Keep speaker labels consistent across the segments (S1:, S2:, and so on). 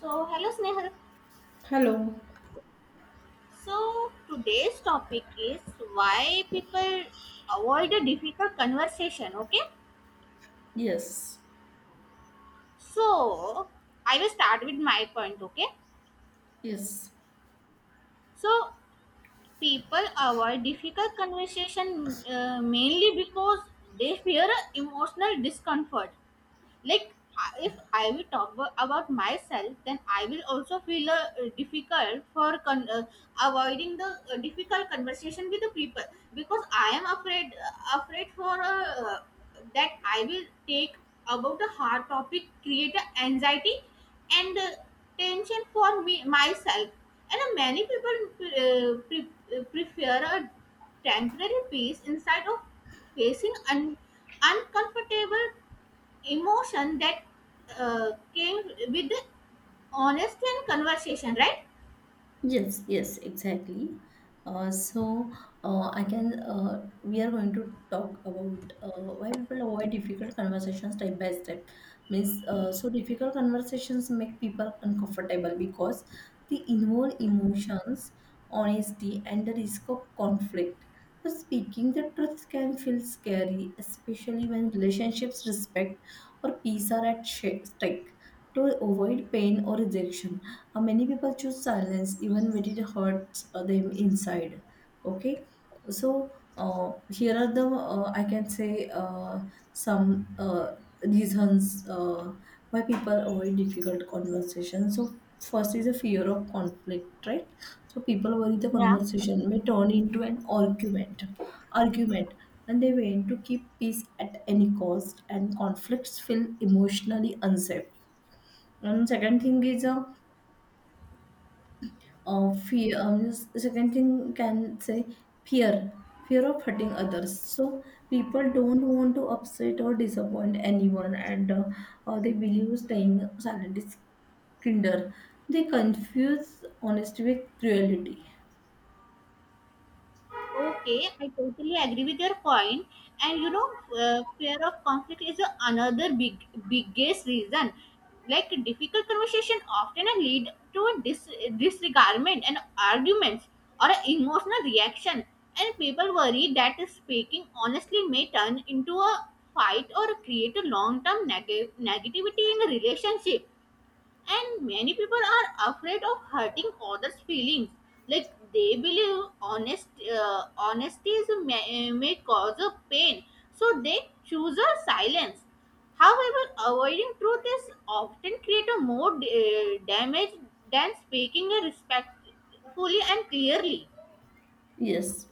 S1: So, hello Snehal.
S2: Hello.
S1: So, today's topic is why people avoid a difficult conversation, okay?
S2: Yes,
S1: So, I will start with my point, okay?
S2: yes.
S1: So, people avoid difficult conversation mainly because they fear emotional discomfort like if I will talk about myself then I will also feel difficult for avoiding the difficult conversation with the people because I am afraid afraid for that I will take about the hard topic create a anxiety and tension for me myself and many people prefer a temporary peace instead of facing uncomfortable emotion that came with honest and conversation, right?
S2: Yes, yes, exactly. Uh, so I can we are going to talk about why people avoid difficult conversations step by step. Means So difficult conversations make people uncomfortable because they involve emotions, honesty, and the risk of conflict. So speaking the truth can feel scary, especially when relationships, respect, or peace are at stake. To avoid pain or rejection, many people choose silence even when it hurts them inside. Okay, so here are the, I can say some reasons why people avoid difficult conversations. So first is a fear of conflict, right? So people worry the
S1: Yeah.
S2: conversation may turn into an argument, and they want to keep peace at any cost. And conflicts feel emotionally unsafe. And second thing is fear. Second thing can say fear, fear of hurting others. So people don't want to upset or disappoint anyone, and they believe staying silent is kinder. They confuse honesty with cruelty.
S1: Okay, I totally agree with your point. And you know, fear of conflict is another biggest reason. Like difficult conversation often lead to disregardment and arguments or an emotional reaction. And people worry that speaking honestly may turn into a fight or create a long-term negativity in a relationship. And many people are afraid of hurting others' feelings. Like they believe honesty may cause a pain, so they choose a silence. However, avoiding truth is often create a more damage than speaking a respectfully and clearly.
S2: Yes.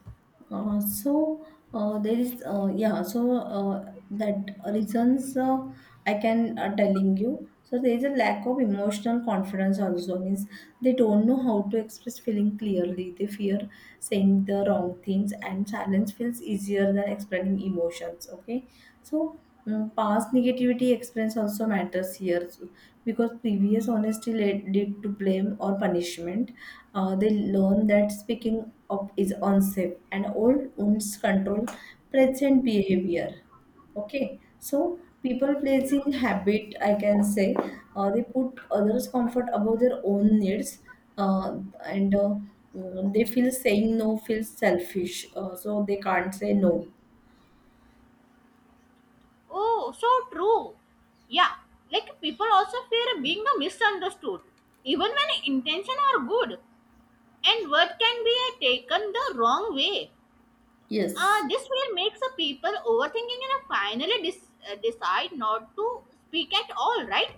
S2: So there is yeah. So That reasons I can telling you. So there is a lack of emotional confidence, also means they don't know how to express feeling clearly. They fear saying the wrong things, and silence feels easier than explaining emotions. Okay. So, Past negativity experience also matters here because previous honesty led to blame or punishment. They learn that speaking up is unsafe, and old wounds control present behavior. Okay, so people placing
S1: Yeah.
S2: habit, I can say, they put others' comfort above their own needs, uh, and uh, they feel saying no feels selfish, so they can't say no.
S1: Oh, so true. Yeah, like people also fear being a misunderstood, even when intention are good. And what can be taken the wrong way?
S2: Yes.
S1: This fear makes a people overthinking and uh, finally decide not to speak at all, right?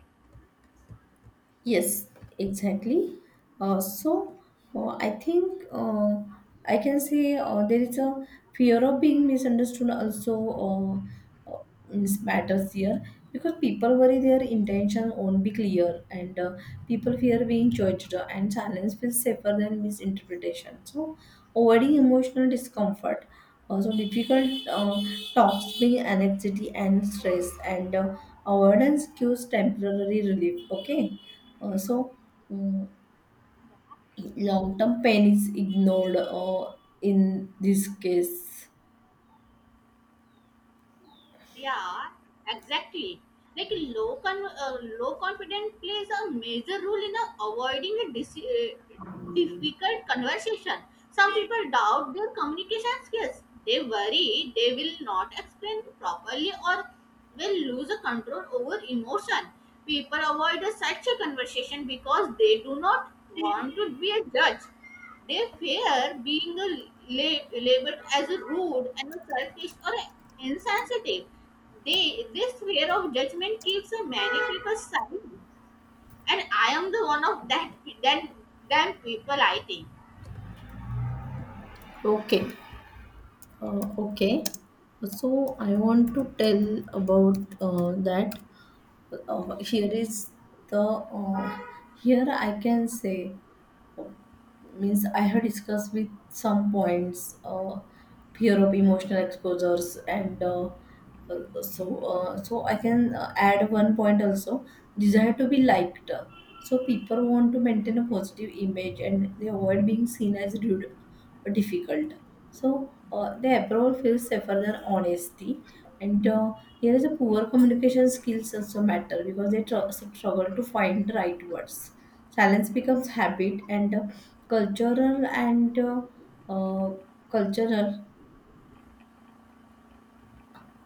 S2: Yes, exactly. Uh, so I think I can say there is a fear of being misunderstood also uh, uh, means matters here because people worry their intention won't be clear, and people fear being judged and silence feels safer than misinterpretation. So avoiding emotional discomfort, also difficult talks bring anxiety and stress, and avoidance gives temporary relief. Okay. Also, mm, long-term pain is ignored in this case.
S1: Yeah, exactly. Like low confidence plays a major role in avoiding a difficult conversation. Some people doubt their communication skills. They worry they will not explain properly or will lose a control over emotion. People avoid a such a conversation because they do not want to be a judge. They fear being a labeled as a rude and a selfish or insensitive. This fear of judgment keeps a many people silent, and I am the one of that them people. I think.
S2: Okay, okay. So I want to tell about that. Here is the Here I can say uh, means I have discussed with some points fear of emotional exposures and Uh, so I can add one point also, desire to be liked. So people want to maintain a positive image, and they avoid being seen as rude or difficult, so the approval feels safer than honesty. And here is a poor communication skills also matter, because they struggle to find the right words. Silence becomes habit, and cultural and uh, cultural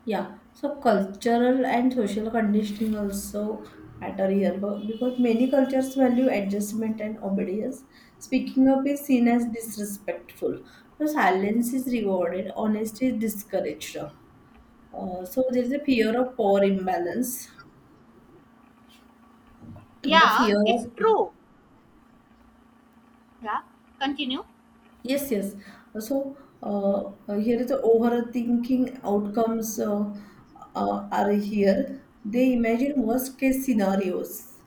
S2: yeah, so cultural and social conditioning also matter here because many cultures value adjustment and obedience. Speaking up is seen as disrespectful. So silence is rewarded, honesty is discouraged. So there is a fear of power imbalance. The
S1: Yeah,
S2: fear
S1: it's
S2: of
S1: true. Yeah, continue.
S2: yes, yes. So uh, here is the overthinking outcomes are here. They imagine worst case scenarios.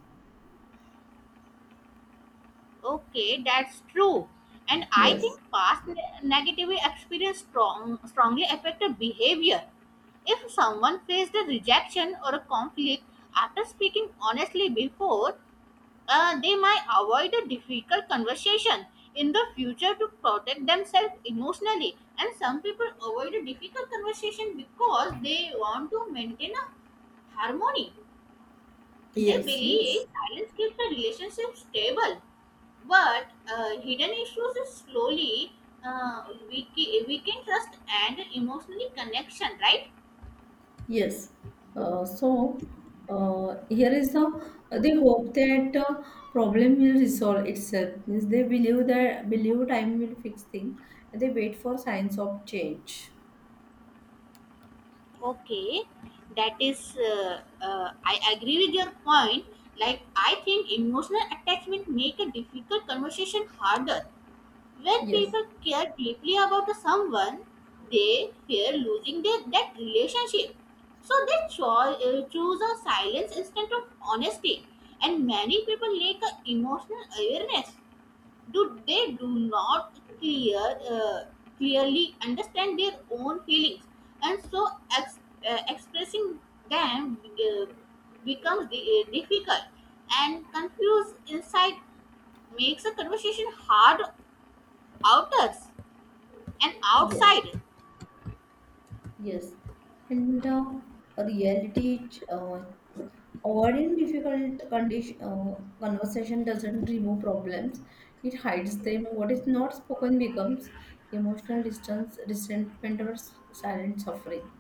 S1: Okay, that's true. And I
S2: Yes.
S1: think past negative experience strongly affect the behavior. If someone faced a rejection or a conflict after speaking honestly before, they might avoid a difficult conversation in the future to protect themselves emotionally. And some people avoid a difficult conversation because they want to maintain a harmony. They
S2: Yes, yes,
S1: believe silence keeps a relationship stable, but hidden issues is slowly weaken trust and emotionally connection, right?
S2: yes. So here is the They hope that problem will resolve itself. Means they believe time will fix things. They wait for signs of change.
S1: Okay, that is, I agree with your point. Like, I think emotional attachment make a difficult conversation harder. When
S2: Yes,
S1: people care deeply about the someone, they fear losing that relationship. So they choose a silence instead of honesty. And many people lack a emotional awareness. Do they do not uh, clearly understand their own feelings, and so ex- expressing them uh, becomes difficult. And confused insight makes a conversation hard outers. And
S2: yes.
S1: outside,
S2: Yes, and reality ch- uh, avoiding difficult condition conversation doesn't remove problems; it hides them. What is not spoken becomes emotional distance, resentment, or silent suffering.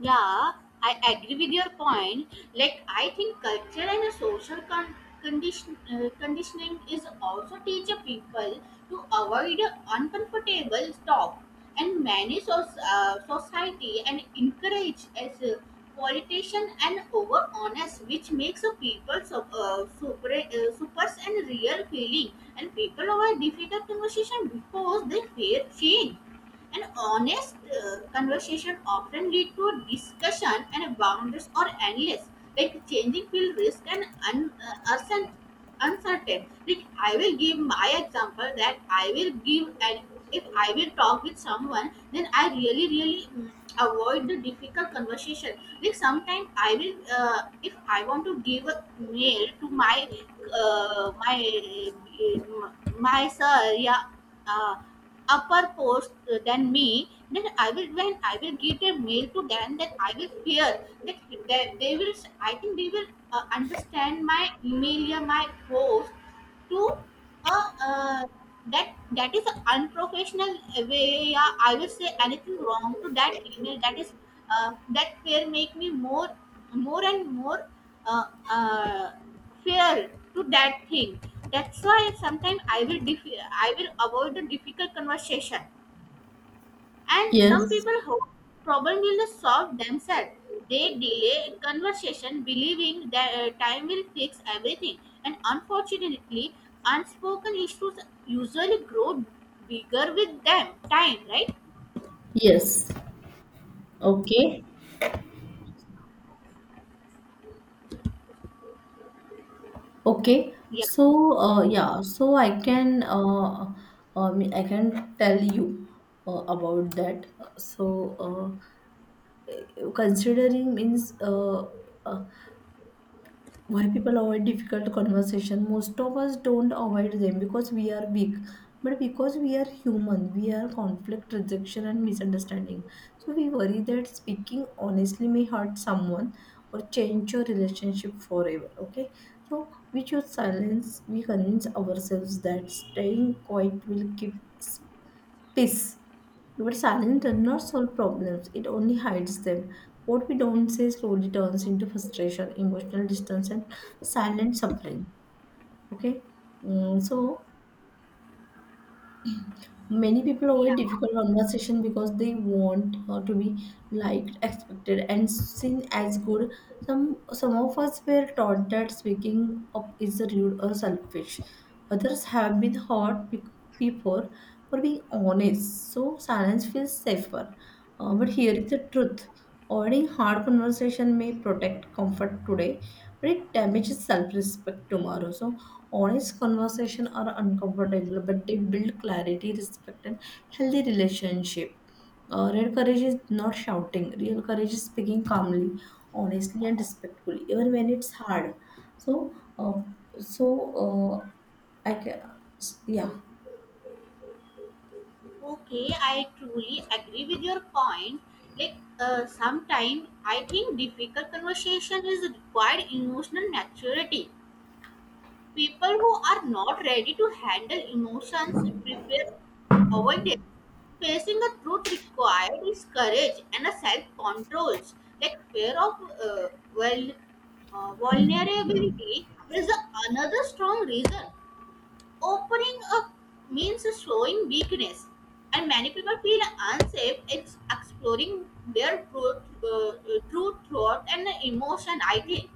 S1: Yeah, I agree with your point. Like, I think culture and a conditioning is also teach a people to avoid a uncomfortable talk. And many society and encourage as a politician and over honest, which makes a people supers and real feeling. And people over difficult conversation because they fear change. An honest conversation often lead to discussion and boundaries are endless, like changing field risk and uncertain. Like I will give my example that I will give, and if I will talk with someone, then I really really avoid the difficult conversation. Like sometimes I will if I want to give a mail to my uh, my my sir, yeah. Uh, Upper post than me, then I will when I will get a mail to them, then I will fear that they will. I think they will understand my email or my post to uh, uh, that is an unprofessional way, yeah, I will say anything wrong to that email that is uh, that fear make me more and more uh, uh, fear to that thing. That's why sometimes I will avoid the difficult conversation and some
S2: Yes,
S1: people hope problem will solve themselves. They delay conversation, believing that time will fix everything. And unfortunately, unspoken issues usually grow bigger with them. Time, right?
S2: yes. Okay, okay.
S1: Yeah,
S2: I can tell you about that. So, considering means uh, why people avoid difficult conversation? Most of us don't avoid them because we are weak, but because we are human. We are conflict, rejection, and misunderstanding, so we worry that speaking honestly may hurt someone or change your relationship forever. Okay, so we choose silence. We convince ourselves that staying quiet will keep peace. But silence does not solve problems, it only hides them. What we don't say slowly turns into frustration, emotional distance, and silent suffering. Okay. So many people avoid
S1: yeah.
S2: difficult conversation because they want to be liked, expected, and seen as good. Some of us were taught that speaking up is rude or selfish. Others have been hurt before for being honest, so silence feels safer. But here is the truth: avoiding hard conversation may protect comfort today, but it damages self-respect tomorrow. So honest conversation are uncomfortable, but they build clarity, respect, and healthy relationship. Real courage is not shouting. Real courage is speaking calmly, honestly, and respectfully, even when it's hard. So, so I can, yeah.
S1: Okay, I truly agree with your point. Like sometimes I think difficult conversation is required emotional maturity. People who are not ready to handle emotions prepare avoidance. Facing the truth required is courage and a self-control. Like fear of uh, well, vulnerability is another strong reason. Opening up means showing weakness, and many people feel unsafe exploring their true thought and emotion. I think.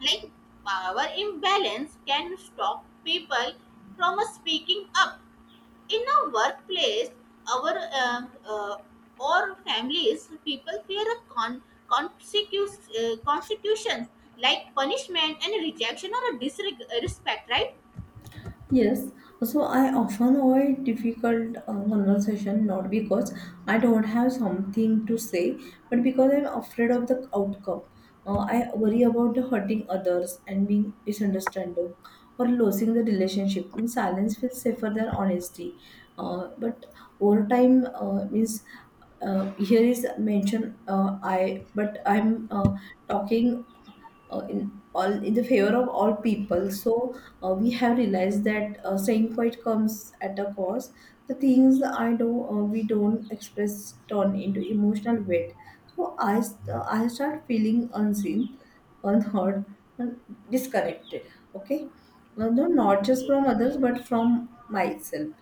S1: Like power imbalance can stop people from speaking up in a workplace our um uh, or families. People fear a consecutions like punishment and rejection or a disrespect, right?
S2: Yes, so I often avoid difficult conversation not because I don't have something to say, but because I'm afraid of the outcome. I worry about the hurting others and being misunderstanding or losing the relationship. Means silence feels safer than honesty. But over time, means here is mention I, but I'm talking in all in the favor of all people, so we have realized that saying quite comes at a cost. The things I do we don't express turn into emotional weight. So I start feeling unseen, unheard, and disconnected. Okay. No, not just from
S1: Okay.
S2: others, but from myself.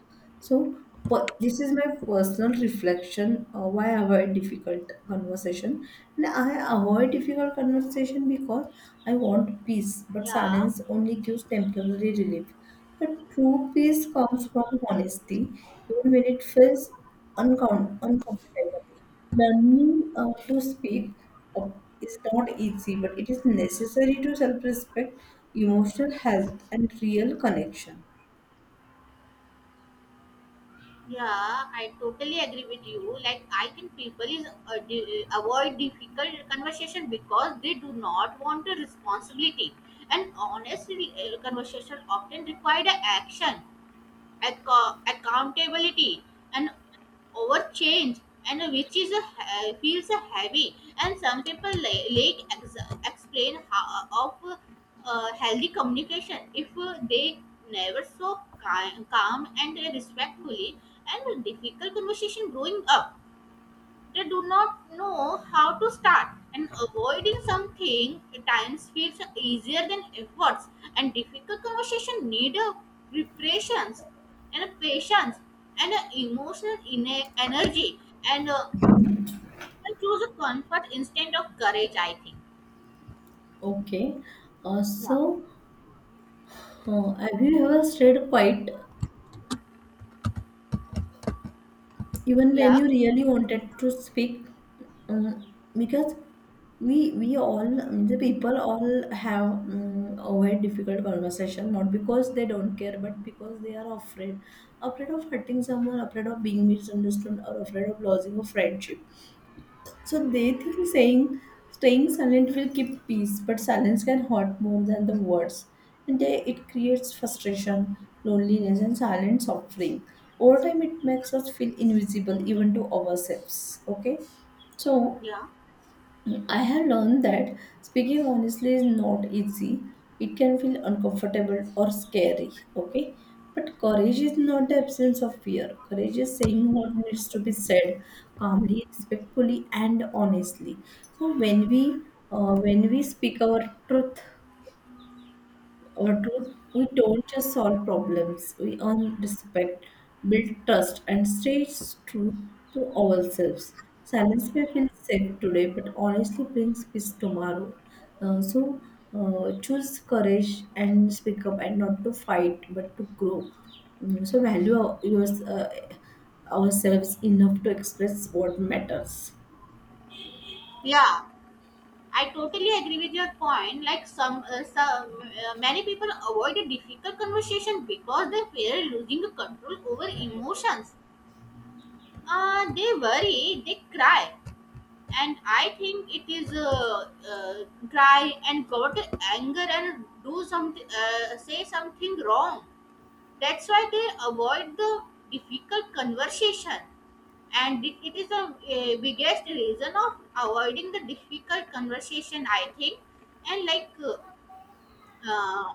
S2: So this is my personal reflection why I avoid difficult conversation. And I avoid difficult conversation because I want peace, but
S1: Yeah.
S2: silence only gives temporary relief. But true peace comes from honesty, even when it feels uncomfortable. Learning to speak up is not easy, but it is necessary to self respect, emotional health, and real connection.
S1: Yeah, I totally agree with you. Like, I think people is di- avoid difficult conversation because they do not want a responsibility. And honestly, re- conversation often require a action acco- accountability and over change and which is a, he- feels heavy and some people la- like ex- explain how, of healthy communication if they never so ki- calm and respectfully and difficult conversation growing up they do not know how to start, and avoiding something at times feels easier than efforts. And difficult conversation need a preparations and a patience and an emotional inner energy. And I choose a comfort instead of courage. I think.
S2: Okay. Uh,
S1: Yeah.
S2: so, have you ever stayed quiet even when you
S1: Yeah.
S2: really wanted to speak? Because we all the people all have avoid difficult conversation not because they don't care, but because they are afraid, afraid of hurting someone, afraid of being misunderstood, or afraid of losing a friendship. So they think saying staying silent will keep peace, but silence can hurt more than the words. And it creates frustration, loneliness, and silent suffering. Over time, it makes us feel invisible even to ourselves. Okay, so
S1: Yeah.
S2: I have learned that speaking honestly is not easy. It can feel uncomfortable or scary, okay? But courage is not the absence of fear. Courage is saying what needs to be said calmly, respectfully, and honestly. So when we speak our truth, we don't just solve problems, we earn respect, build trust, and stay true to ourselves. Silence may feel safe today, but honestly brings peace tomorrow. Uh, so Choose courage and speak up, and not to fight, but to grow. So value ourselves enough to express what matters.
S1: Yeah. I totally agree with your point. Like some many people avoid a difficult conversation because they fear losing the control over emotions. They worry, they cry, and I think it is cry and go to anger and do something, say something wrong. That's why they avoid the difficult conversation, and it is the biggest reason of avoiding the difficult conversation. I think, and like. Uh,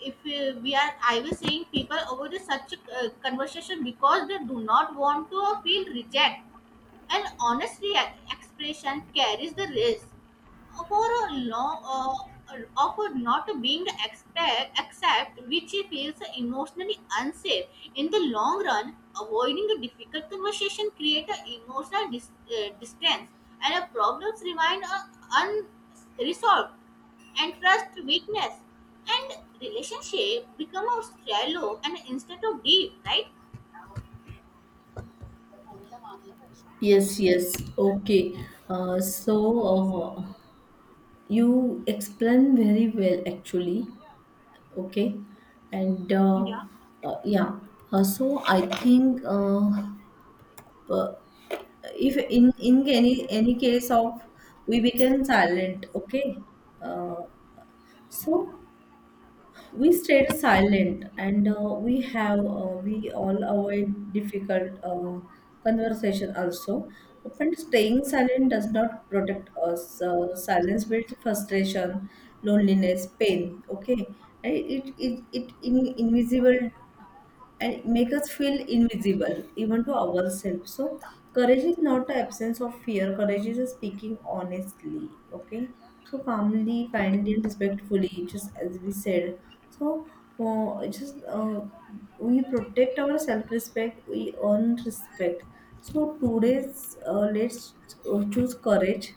S1: if I was saying people avoid such a conversation because they do not want to feel reject. An honest expression carries the risk for a of not being accept, which feels emotionally unsafe. In the long run, avoiding a difficult conversation creates emotional distance, and problems remain unresolved and trust weakness and relationship become a shallow and instead of deep, right?
S2: Yes, yes. Okay. Uh, so, uh, you explain very well actually, okay, and uh,
S1: Yeah.
S2: uh, yeah Uh, so i think uh, if in any case of we become silent, okay, uh, so we stayed silent, and we all avoid difficult conversation also, but staying silent does not protect us. Silence builds frustration, loneliness, pain. Okay. And it invisible, and make us feel invisible even to ourselves. So courage is not the absence of fear. Courage is speaking honestly. Okay, so calmly, kindly, and respectfully, just as we said. So uh, just uh, we protect our self-respect, we earn respect. So today's, let's choose courage,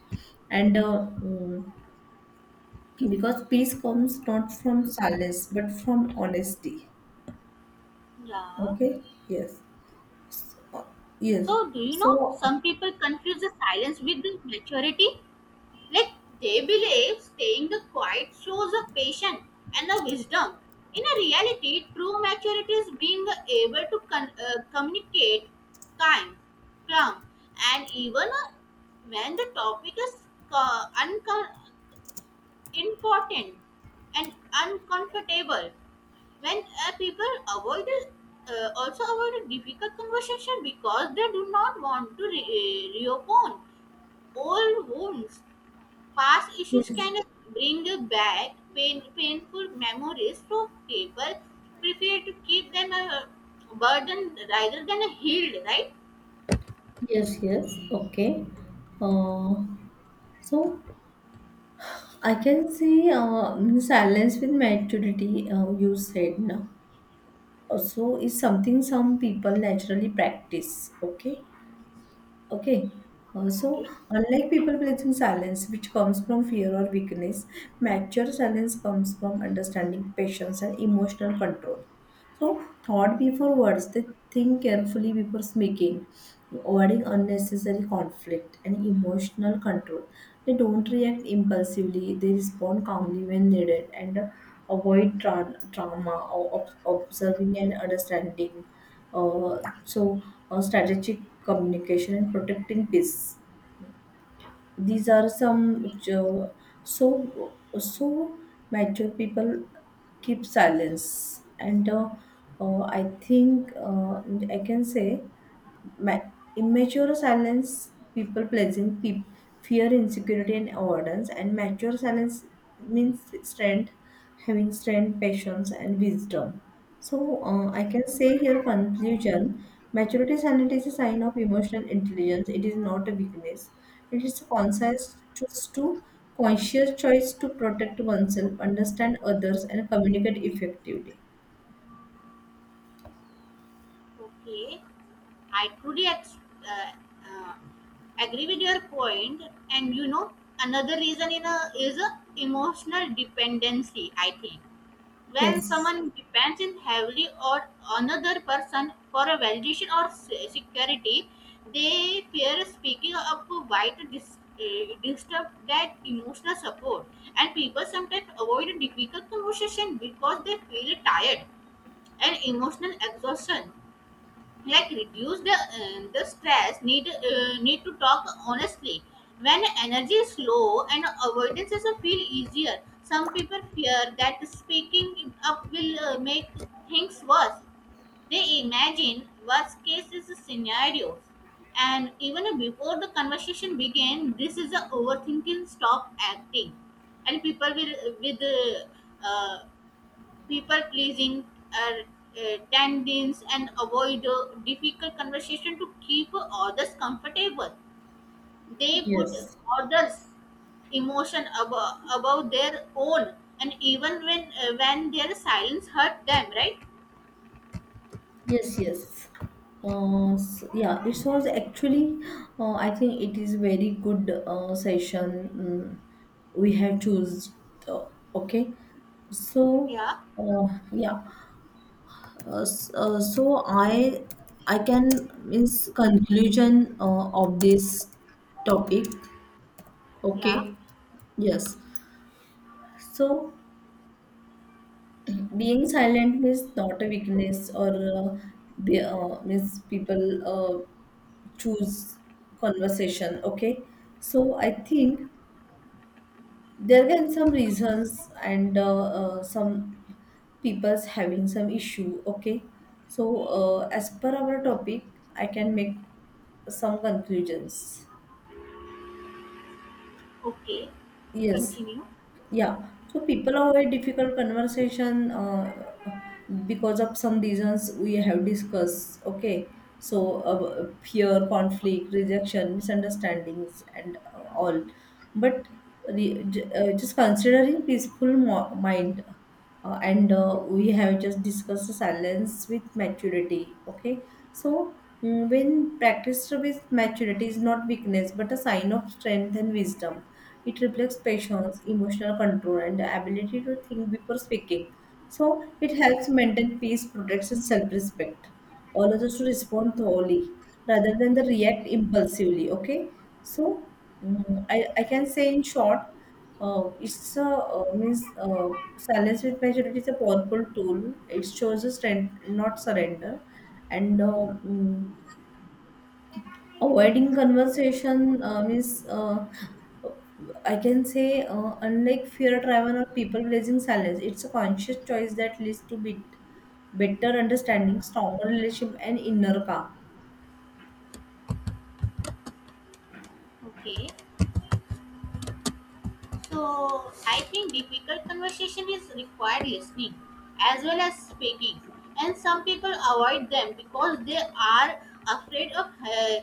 S2: and uh, mm, because peace comes not from silence, but from honesty.
S1: Yeah.
S2: Okay. yes Uh, Yes.
S1: So, do you know
S2: So,
S1: some people confuse the silence with the maturity? Like they believe staying the quiet shows a patience and a wisdom. In a reality, true maturity is being able to communicate kind, calm, and even when the topic is uh, uncom- important and uncomfortable when people avoid also avoid a difficult conversation because they do not want to reopen old wounds. Past issues
S2: Yes,
S1: can bring back pain, painful memories, so people prefer to keep them a burden rather than a healed, right?
S2: yes. Okay. Uh, so I can see silence with maturity, you said now. So it's something some people naturally practice. Okay. Okay. Uh, so,
S1: Okay.
S2: Unlike people pleasing silence, which comes from fear or weakness, mature silence comes from understanding, patience, and emotional control. So, thought before words, they think carefully before speaking, avoiding unnecessary conflict and emotional control. They don't react impulsively, they respond calmly when needed, and avoid trauma or observing and understanding. Uh, so, Strategic communication and protecting peace, these are some so so mature people keep silence. And uh, i think uh, I can say Ma- immature silence, people pleasing, fear, insecurity, and avoidance. And mature silence means strength, having strength, patience, and wisdom. So I can say here conclusion: maturity silence is a sign of emotional intelligence. It is not a weakness, it is a conscious choice to protect oneself, understand others, and communicate effectively.
S1: Okay, i truly uh, uh, agree with your point. And you know, another reason is a emotional dependency, I think. When
S2: Yes.
S1: someone depends in heavily on another person for a validation or security, they fear speaking up might disturb that emotional support. And people sometimes avoid difficult conversation because they feel tired and emotional exhaustion, like reduce the stress need to talk honestly when energy is low and avoidance is a feel easier. Some people fear that speaking up will make things worse. They imagine worst case is scenarios, and even before the conversation begin this is a overthinking stop acting, and people will with uh, people pleasing uh, tendons and avoid difficult conversation to keep others comfortable. They put
S2: yes
S1: others emotion above their own, and even when their silence hurt them, right?
S2: Yes, yes. S Yeah, this was actually, I think it is very good session, we have choose. Uh, okay, so
S1: Yeah.
S2: uh, yeah, s- so I can, means, conclusion of this topic.
S1: Yeah.
S2: Okay, yes. So being silent means not a weakness, or means people uh, choose conversation. Okay, so I think there can some reasons, and some people's having some issue. Okay, so as per our topic I can make some conclusions.
S1: Okay,
S2: Yes.
S1: continue.
S2: Yeah, so people avoid difficult conversation because of some reasons we have discussed. Okay, so fear, conflict, rejection, misunderstandings, and all, but just considering peaceful mind, and we have just discussed silence with maturity. Okay, so, when practiced with maturity is not weakness but a sign of strength and wisdom. It reflects patience, emotional control, and the ability to think before speaking. So it helps maintain peace, protects self-respect, allows us to respond thoroughly rather than the react impulsively. Okay. So mm, I, I can say in short, it's a means silence with maturity is a powerful tool. It shows a strength, not surrender, and avoiding conversation, means I can say unlike fear driven or people pleasing silence, it's a conscious choice that leads to bit better understanding, stronger relationship, and inner calm.
S1: Okay. So I think difficult conversation is required listening as well as speaking, and some people avoid them because they are afraid of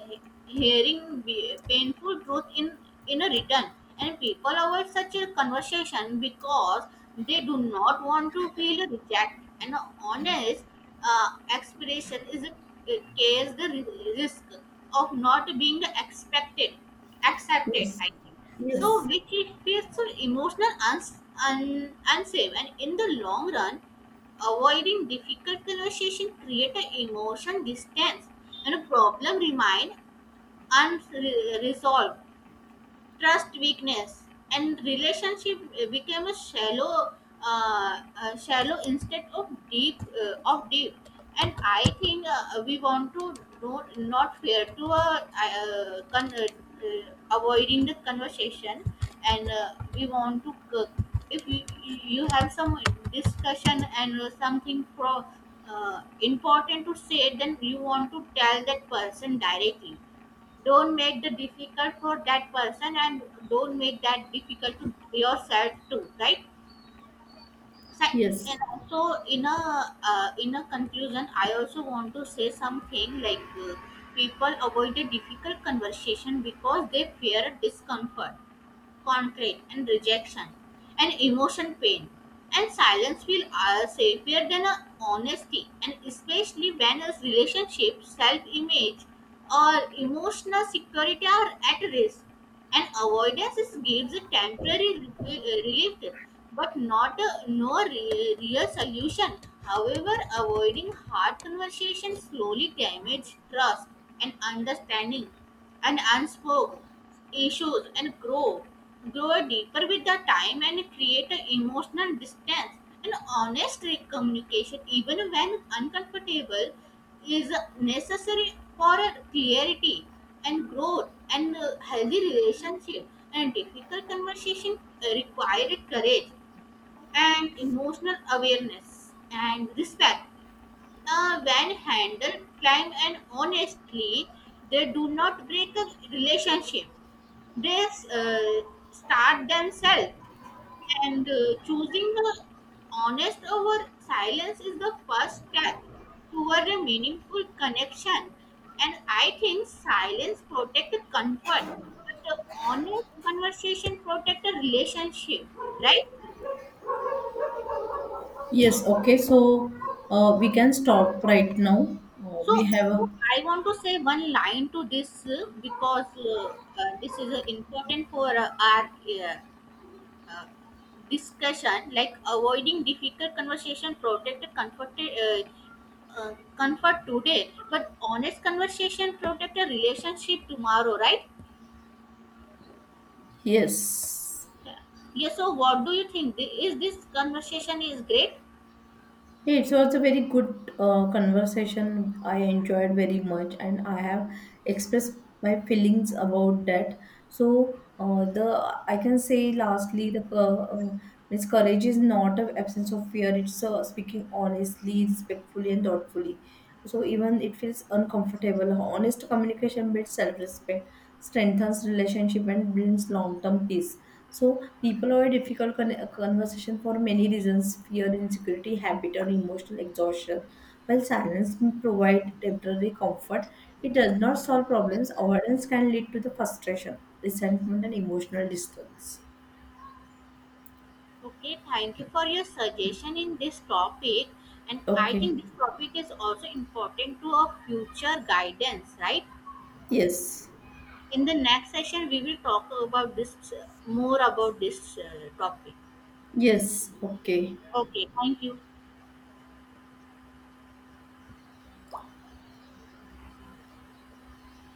S1: he- hearing painful truth in a return. And people avoid such a conversation because they do not want to feel reject. An honest uh, expression is a case the risk of not being expected accepted.
S2: Yes.
S1: I think. So,
S2: Yes.
S1: which it feels so emotional, unsafe, and in the long run, avoiding difficult conversation create an emotion distance and a problem remain unresolved trust weakness and relationship became a shallow instead of deep. And I think we want to know not fair to avoiding the conversation, and we want to if you have some discussion, and something pro, important to say, then you want to tell that person directly, don't make the difficult for that person, and don't make that difficult to yourself too, right? So,
S2: Yes.
S1: and also in a conclusion, I also want to say something like people avoid a difficult conversation because they fear discomfort concrete, and rejection, and emotion pain. And silence feels safer than honesty, and especially when a relationship, self image, or emotional security are at risk, and avoidance is gives a temporary relief but not a no re- real solution. However, avoiding hard conversation slowly damages trust and understanding, and unspoken issues and grow deeper with the time and create an emotional distance. And honest communication, even when uncomfortable, is necessary for a clarity and growth and healthy relationship. And difficult conversation uh, courage and emotional awareness and respect, when handled calm and honestly, they do not break a relationship. They uh, start themselves. And choosing the honest over silence is the first step toward a meaningful connection. And I think silence protects comfort, but the honest conversation protects a relationship, right?
S2: Yes. Okay. So we can stop right now.
S1: So,
S2: We have a
S1: so I want to say one line to this because this is important for our uh, uh, discussion. Like avoiding difficult conversation protect comfort today, but honest conversation protect a relationship tomorrow, right?
S2: Yes.
S1: Yeah. Yes. So, what do you think? Is this conversation is great?
S2: Yeah, it was a very good conversation. I enjoyed very much, and I have expressed my feelings about that. So the I can say lastly the cou- means courage is not an absence of fear. It's speaking honestly, respectfully, and thoughtfully. So even it feels uncomfortable. Honest communication builds self-respect, strengthens relationship, and builds long-term peace. So people are a difficult conversation for many reasons: fear, insecurity, habit, or emotional exhaustion. While silence can provide temporary comfort, it does not solve problems. Avoidance can lead to the frustration, resentment, and emotional distance.
S1: Okay. Thank you for your suggestion in this topic, and I
S2: Okay.
S1: think this topic is also important to our future guidance, right?
S2: Yes.
S1: In the next session, we will talk about this uh, more about this topic.
S2: Yes. Okay.
S1: Okay. Thank you.